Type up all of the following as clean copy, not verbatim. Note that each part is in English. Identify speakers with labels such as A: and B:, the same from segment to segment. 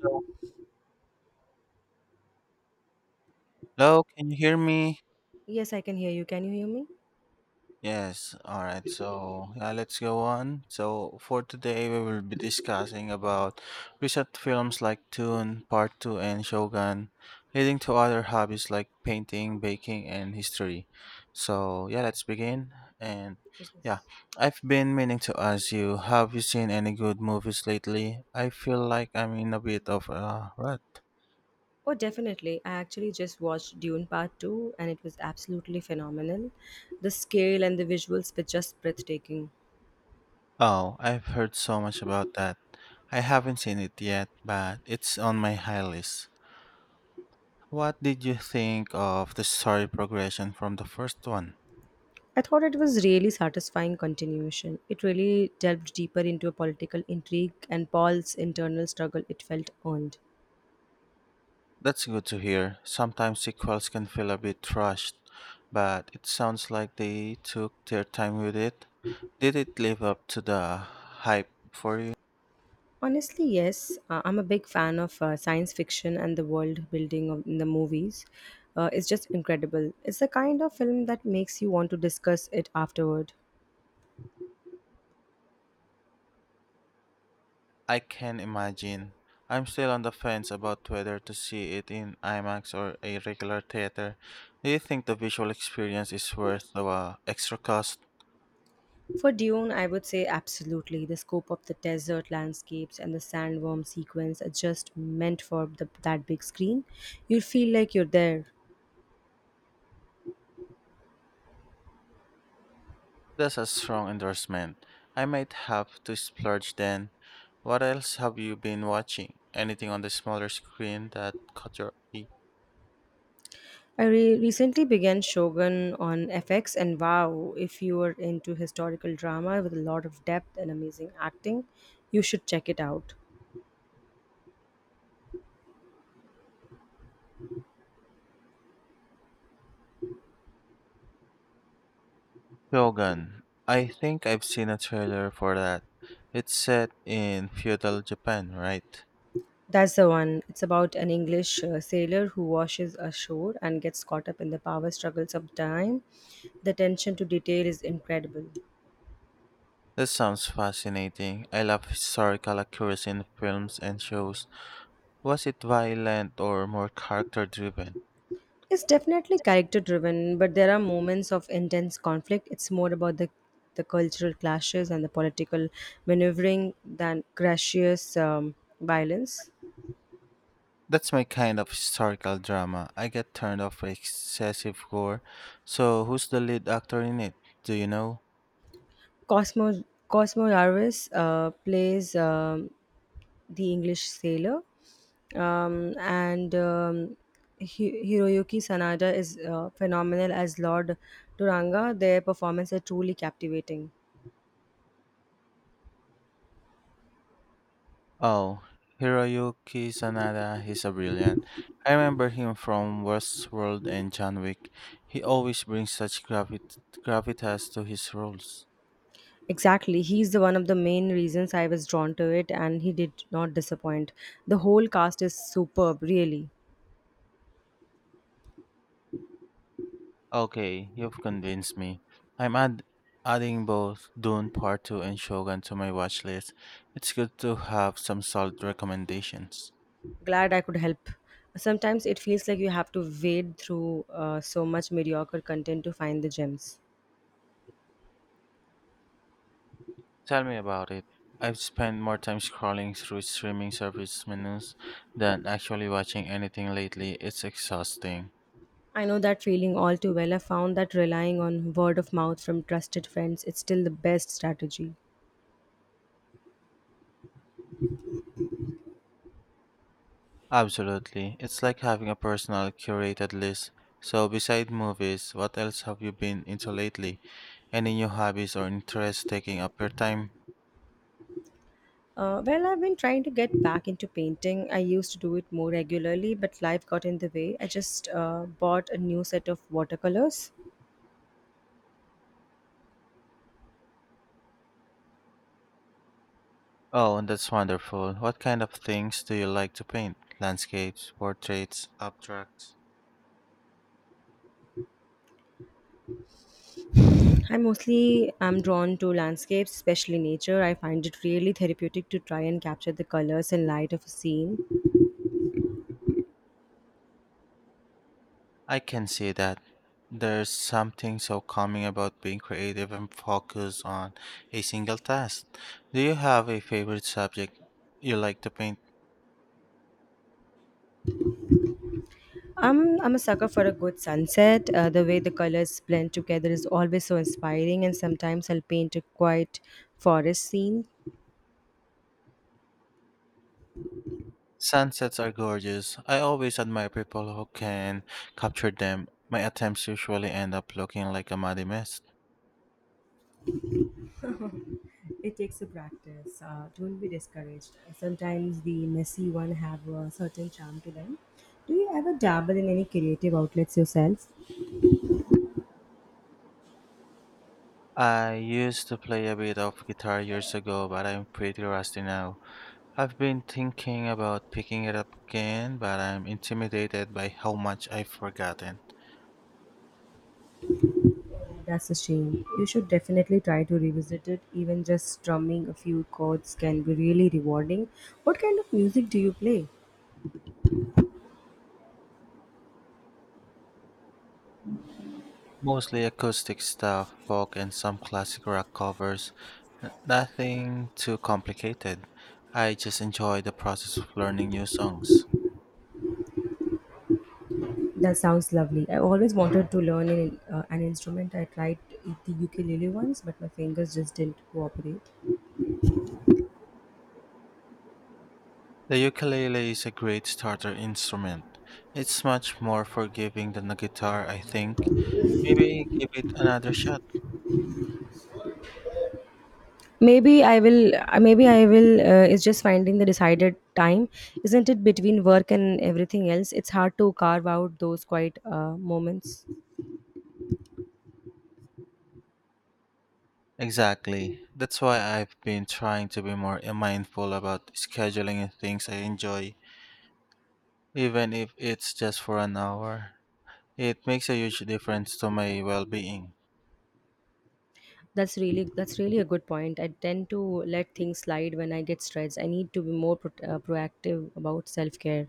A: So, hello, can you hear me?
B: Yes, I can hear you. Can you hear me?
A: Yes, all right. So, yeah, let's go on. So, for today, we will be discussing about recent films like Dune, Part 2, and Shogun, leading to other hobbies like painting, baking, and history. So, yeah, let's begin. And yeah,
B: Yes.
A: I've been meaning to ask you, have you seen any good movies lately? I feel like I'm in a bit of a rush.
B: Oh, definitely. I actually just watched Dune Part 2 and it was absolutely phenomenal. The scale and the visuals were just breathtaking.
A: Oh, I've heard so much about that. I haven't seen it yet, but it's on my high list. What did you think of the story progression from the first one?
B: I thought it was really satisfying continuation. It really delved deeper into a political intrigue and Paul's internal struggle it felt earned.
A: That's good to hear. Sometimes sequels can feel a bit rushed, but it sounds like they took their time with it. Did it live up to the hype for you?
B: Honestly, yes. I'm a big fan of science fiction and the world building of, in the movies. It's just incredible. It's the kind of film that makes you want to discuss it afterward.
A: I can imagine. I'm still on the fence about whether to see it in IMAX or a regular theater. Do you think the visual experience is worth the extra cost?
B: For Dune, I would say absolutely. The scope of the desert landscapes and the sandworm sequence are just meant for that big screen. You feel like you're there.
A: That's a strong endorsement. I might have to splurge then. What else have you been watching? Anything on the smaller screen that caught your eye?
B: Recently began Shogun on FX, and wow, if you are into historical drama with a lot of depth and amazing acting, you should check it out.
A: Shogun. I think I've seen a trailer for that. It's set in feudal Japan, right?
B: That's the one. It's about an English sailor who washes ashore and gets caught up in the power struggles of time. The attention to detail is incredible.
A: That sounds fascinating. I love historical accuracy in films and shows. Was it violent or more character driven?
B: It's definitely character driven, but there are moments of intense conflict. It's more about the cultural clashes and the political maneuvering than gracious violence.
A: That's my kind of historical drama. I get turned off by excessive gore. So, who's the lead actor in it? Do you know?
B: Cosmo Cosmo Yarvis plays the English sailor, um, and Hiroyuki Sanada is phenomenal as Lord Duranga. Their performance are truly captivating.
A: Oh, Hiroyuki Sanada. He's a brilliant. I remember him from Westworld and John Wick. He always brings such gravitas to his roles.
B: Exactly. He's the one of the main reasons I was drawn to it and he did not disappoint. The whole cast is superb, really.
A: Okay, you've convinced me. I'm add- adding both Dune Part 2 and Shogun to my watch list. It's good to have some solid recommendations.
B: Glad I could help. Sometimes it feels like you have to wade through so much mediocre content to find the gems.
A: Tell me about it. I've spent more time scrolling through streaming service menus than actually watching anything lately. It's exhausting.
B: I know that feeling all too well. I found that relying on word of mouth from trusted friends is still the best strategy.
A: Absolutely. It's like having a personal curated list. So, beside movies, what else have you been into lately? Any new hobbies or interests taking up your time?
B: Well, I've been trying to get back into painting. I used to do it more regularly, but life got in the way. I just bought a new set of watercolors.
A: Oh, and that's wonderful. What kind of things do you like to paint? Landscapes, portraits, abstracts?
B: I mostly am drawn to landscapes, especially nature. I find it really therapeutic to try and capture the colors and light of a scene.
A: I can see that. There's something so calming about being creative and focused on a single task. Do you have a favorite subject you like to paint?
B: I'm a sucker for a good sunset. The way the colors blend together is always so inspiring, and sometimes I'll paint a quiet forest scene.
A: Sunsets are gorgeous. I always admire people who can capture them. My attempts usually end up looking like a muddy mess.
B: It takes a practice. Don't be discouraged. Sometimes the messy one have a certain charm to them. Do you ever dabble in any creative outlets yourself?
A: I used to play a bit of guitar years ago, but I'm pretty rusty now. I've been thinking about picking it up again, but I'm intimidated by how much I've forgotten.
B: That's a shame. You should definitely try to revisit it. Even just strumming a few chords can be really rewarding. What kind of music do you play?
A: Mostly acoustic stuff, folk, and some classic rock covers. Nothing too complicated. I just enjoy the process of learning new songs.
B: That sounds lovely. I always wanted to learn an instrument. I tried the ukulele once, but my fingers just didn't cooperate.
A: The ukulele is a great starter instrument. It's much more forgiving than the guitar, I think. Maybe give it another shot.
B: Maybe I will. Maybe I will. It's just finding the decided time, isn't it? Between work and everything else, it's hard to carve out those quiet moments.
A: Exactly. That's why I've been trying to be more mindful about scheduling in things I enjoy, even if it's just for an hour. It makes a huge difference to my well being.
B: That's really a good point. I tend to let things slide when I get stressed. I need to be more proactive about self care.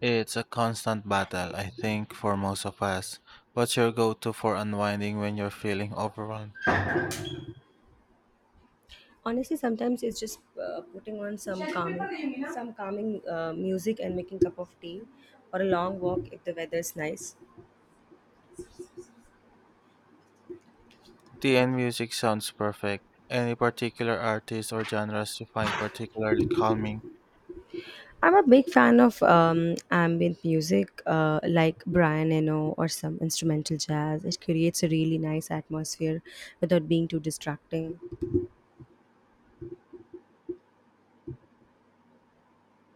A: It's a constant battle, I think, for most of us. What's your go to for unwinding when you're feeling overwhelmed?
B: Honestly, sometimes it's just putting on some calming music and making cup of tea, or a long walk if the weather is nice.
A: Tea and music sounds perfect. Any particular artists or genres you find particularly calming?
B: I'm a big fan of ambient music, like Brian Eno or some instrumental jazz. It creates a really nice atmosphere without being too distracting.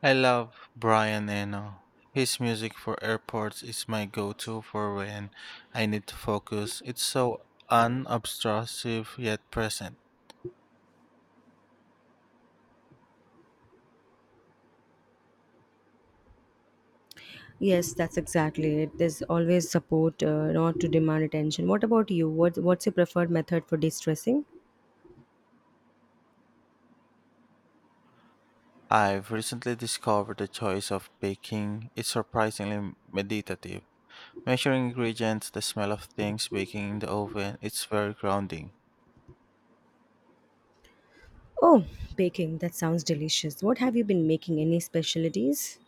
A: I love Brian Eno. His music for airports is my go to for when I need to focus. It's so unobtrusive yet present.
B: Yes, that's exactly it. There's always support, not to demand attention. What about you? What's your preferred method for de-stressing?
A: I've recently discovered the choice of baking. It's surprisingly meditative. Measuring ingredients, the smell of things baking in the oven, it's very grounding.
B: Oh, baking. That sounds delicious. What have you been making? Any specialties?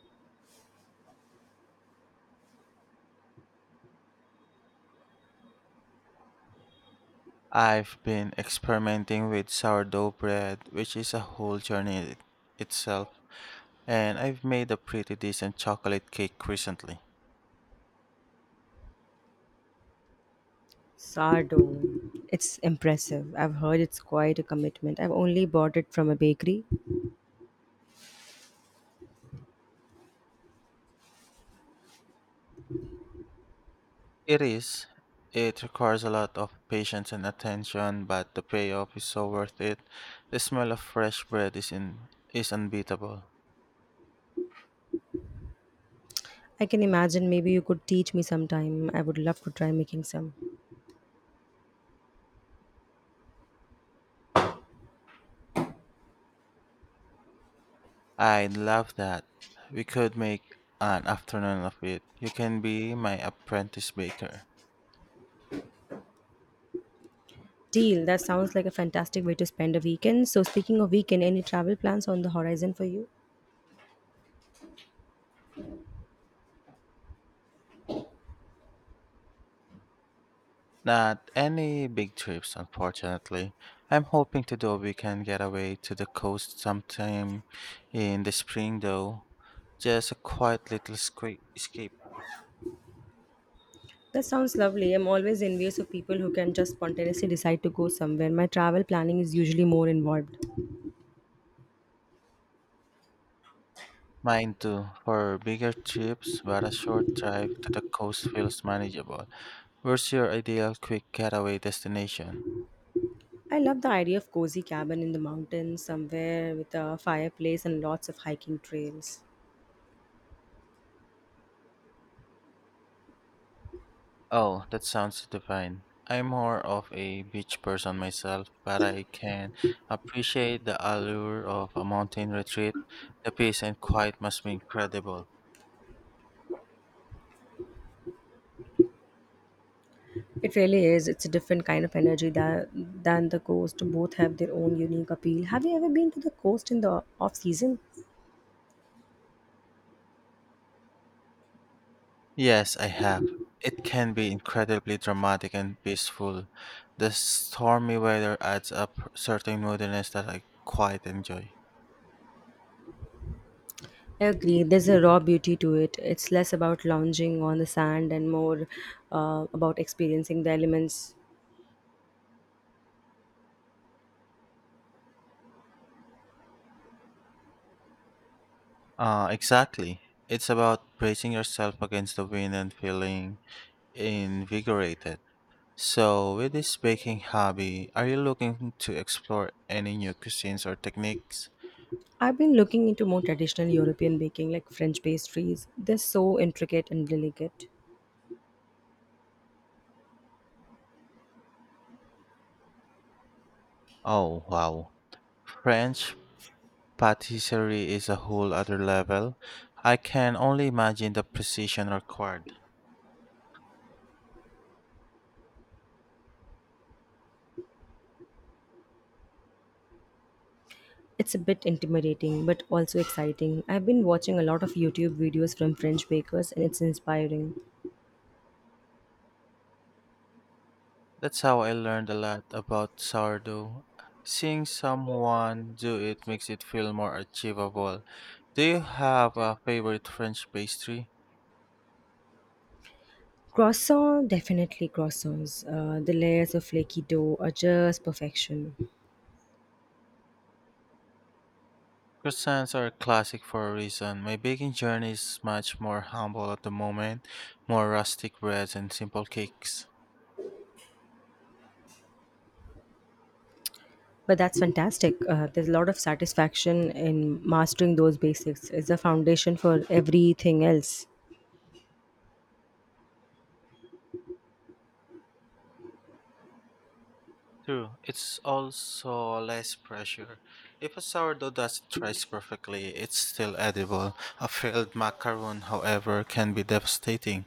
A: I've been experimenting with sourdough bread, which is a whole journey in itself, and I've made a pretty decent chocolate cake recently.
B: Sardo. It's impressive. I've heard it's quite a commitment. I've only bought it from a bakery.
A: It is. It requires a lot of patience and attention, but the payoff is so worth it. The smell of fresh bread is unbeatable.
B: I can imagine maybe you could teach me sometime. I would love to try making some.
A: I love that. We could make an afternoon of it. You can be my apprentice baker.
B: Deal. That sounds like a fantastic way to spend a weekend. So, speaking of weekend, any travel plans on the horizon for you?
A: Not any big trips, unfortunately. I'm hoping to do a weekend getaway to the coast sometime in the spring, though. Just a quiet little escape.
B: That sounds lovely. I'm always envious of people who can just spontaneously decide to go somewhere. My travel planning is usually more involved.
A: Mine too. For bigger trips, but a short drive to the coast feels manageable. Where's your ideal quick getaway destination?
B: I love the idea of cozy cabin in the mountains, somewhere with a fireplace and lots of hiking trails.
A: Oh, that sounds divine. I'm more of a beach person myself, but I can appreciate the allure of a mountain retreat. The peace and quiet must be incredible.
B: It really is. It's a different kind of energy that, than the coast. Both have their own unique appeal. Have you ever been to the coast in the off season?
A: Yes, I have. It can be incredibly dramatic and peaceful. The stormy weather adds a certain moodiness that I quite enjoy.
B: I agree. There's a raw beauty to it. It's less about lounging on the sand and more about experiencing the elements.
A: Exactly. It's about bracing yourself against the wind and feeling invigorated. So, with this baking hobby, are you looking to explore any new cuisines or techniques?
B: I've been looking into more traditional European baking, like French pastries. They're so intricate and delicate.
A: Oh, wow. French patisserie is a whole other level. I can only imagine the precision required.
B: It's a bit intimidating, but also exciting. I've been watching a lot of YouTube videos from French bakers, and it's inspiring.
A: That's how I learned a lot about sourdough. Seeing someone do it makes it feel more achievable. Do you have a favorite French pastry?
B: Croissant, definitely croissants. The layers of flaky dough are just perfection.
A: Croissants are a classic for a reason. My baking journey is much more humble at the moment, more rustic breads and simple cakes.
B: But that's fantastic. There's a lot of satisfaction in mastering those basics. It's the foundation for everything else.
A: True, it's also less pressure. If a sourdough doesn't rise perfectly, it's still edible. A failed macaron, however, can be devastating.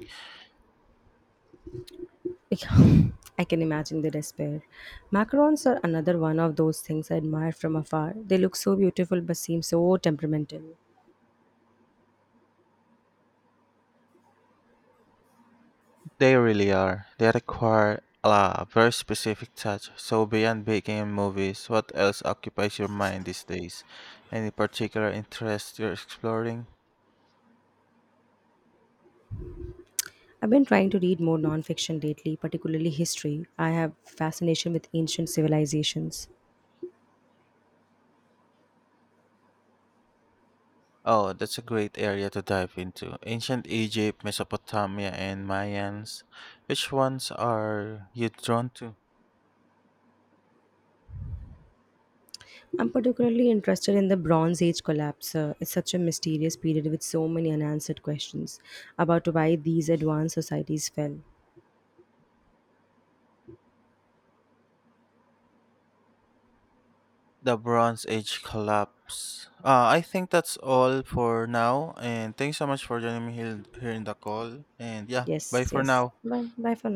B: Yeah, I can imagine the despair. Macarons are another one of those things I admire from afar. They look so beautiful but seem so temperamental.
A: They really are. They require a very specific touch. So beyond baking and movies, what else occupies your mind these days? Any particular interest you're exploring?
B: I've been trying to read more nonfiction lately, particularly history. I have fascination with ancient civilizations.
A: Oh, that's a great area to dive into. Ancient Egypt, Mesopotamia, and Mayans. Which ones are you drawn to?
B: I'm particularly interested in the Bronze Age collapse. It's such a mysterious period with so many unanswered questions about why these advanced societies fell.
A: The Bronze Age collapse. I think that's all for now. And thanks so much for joining me here in the call. And yeah, bye
B: Yes,
A: for
B: yes.
A: now.
B: Bye, bye for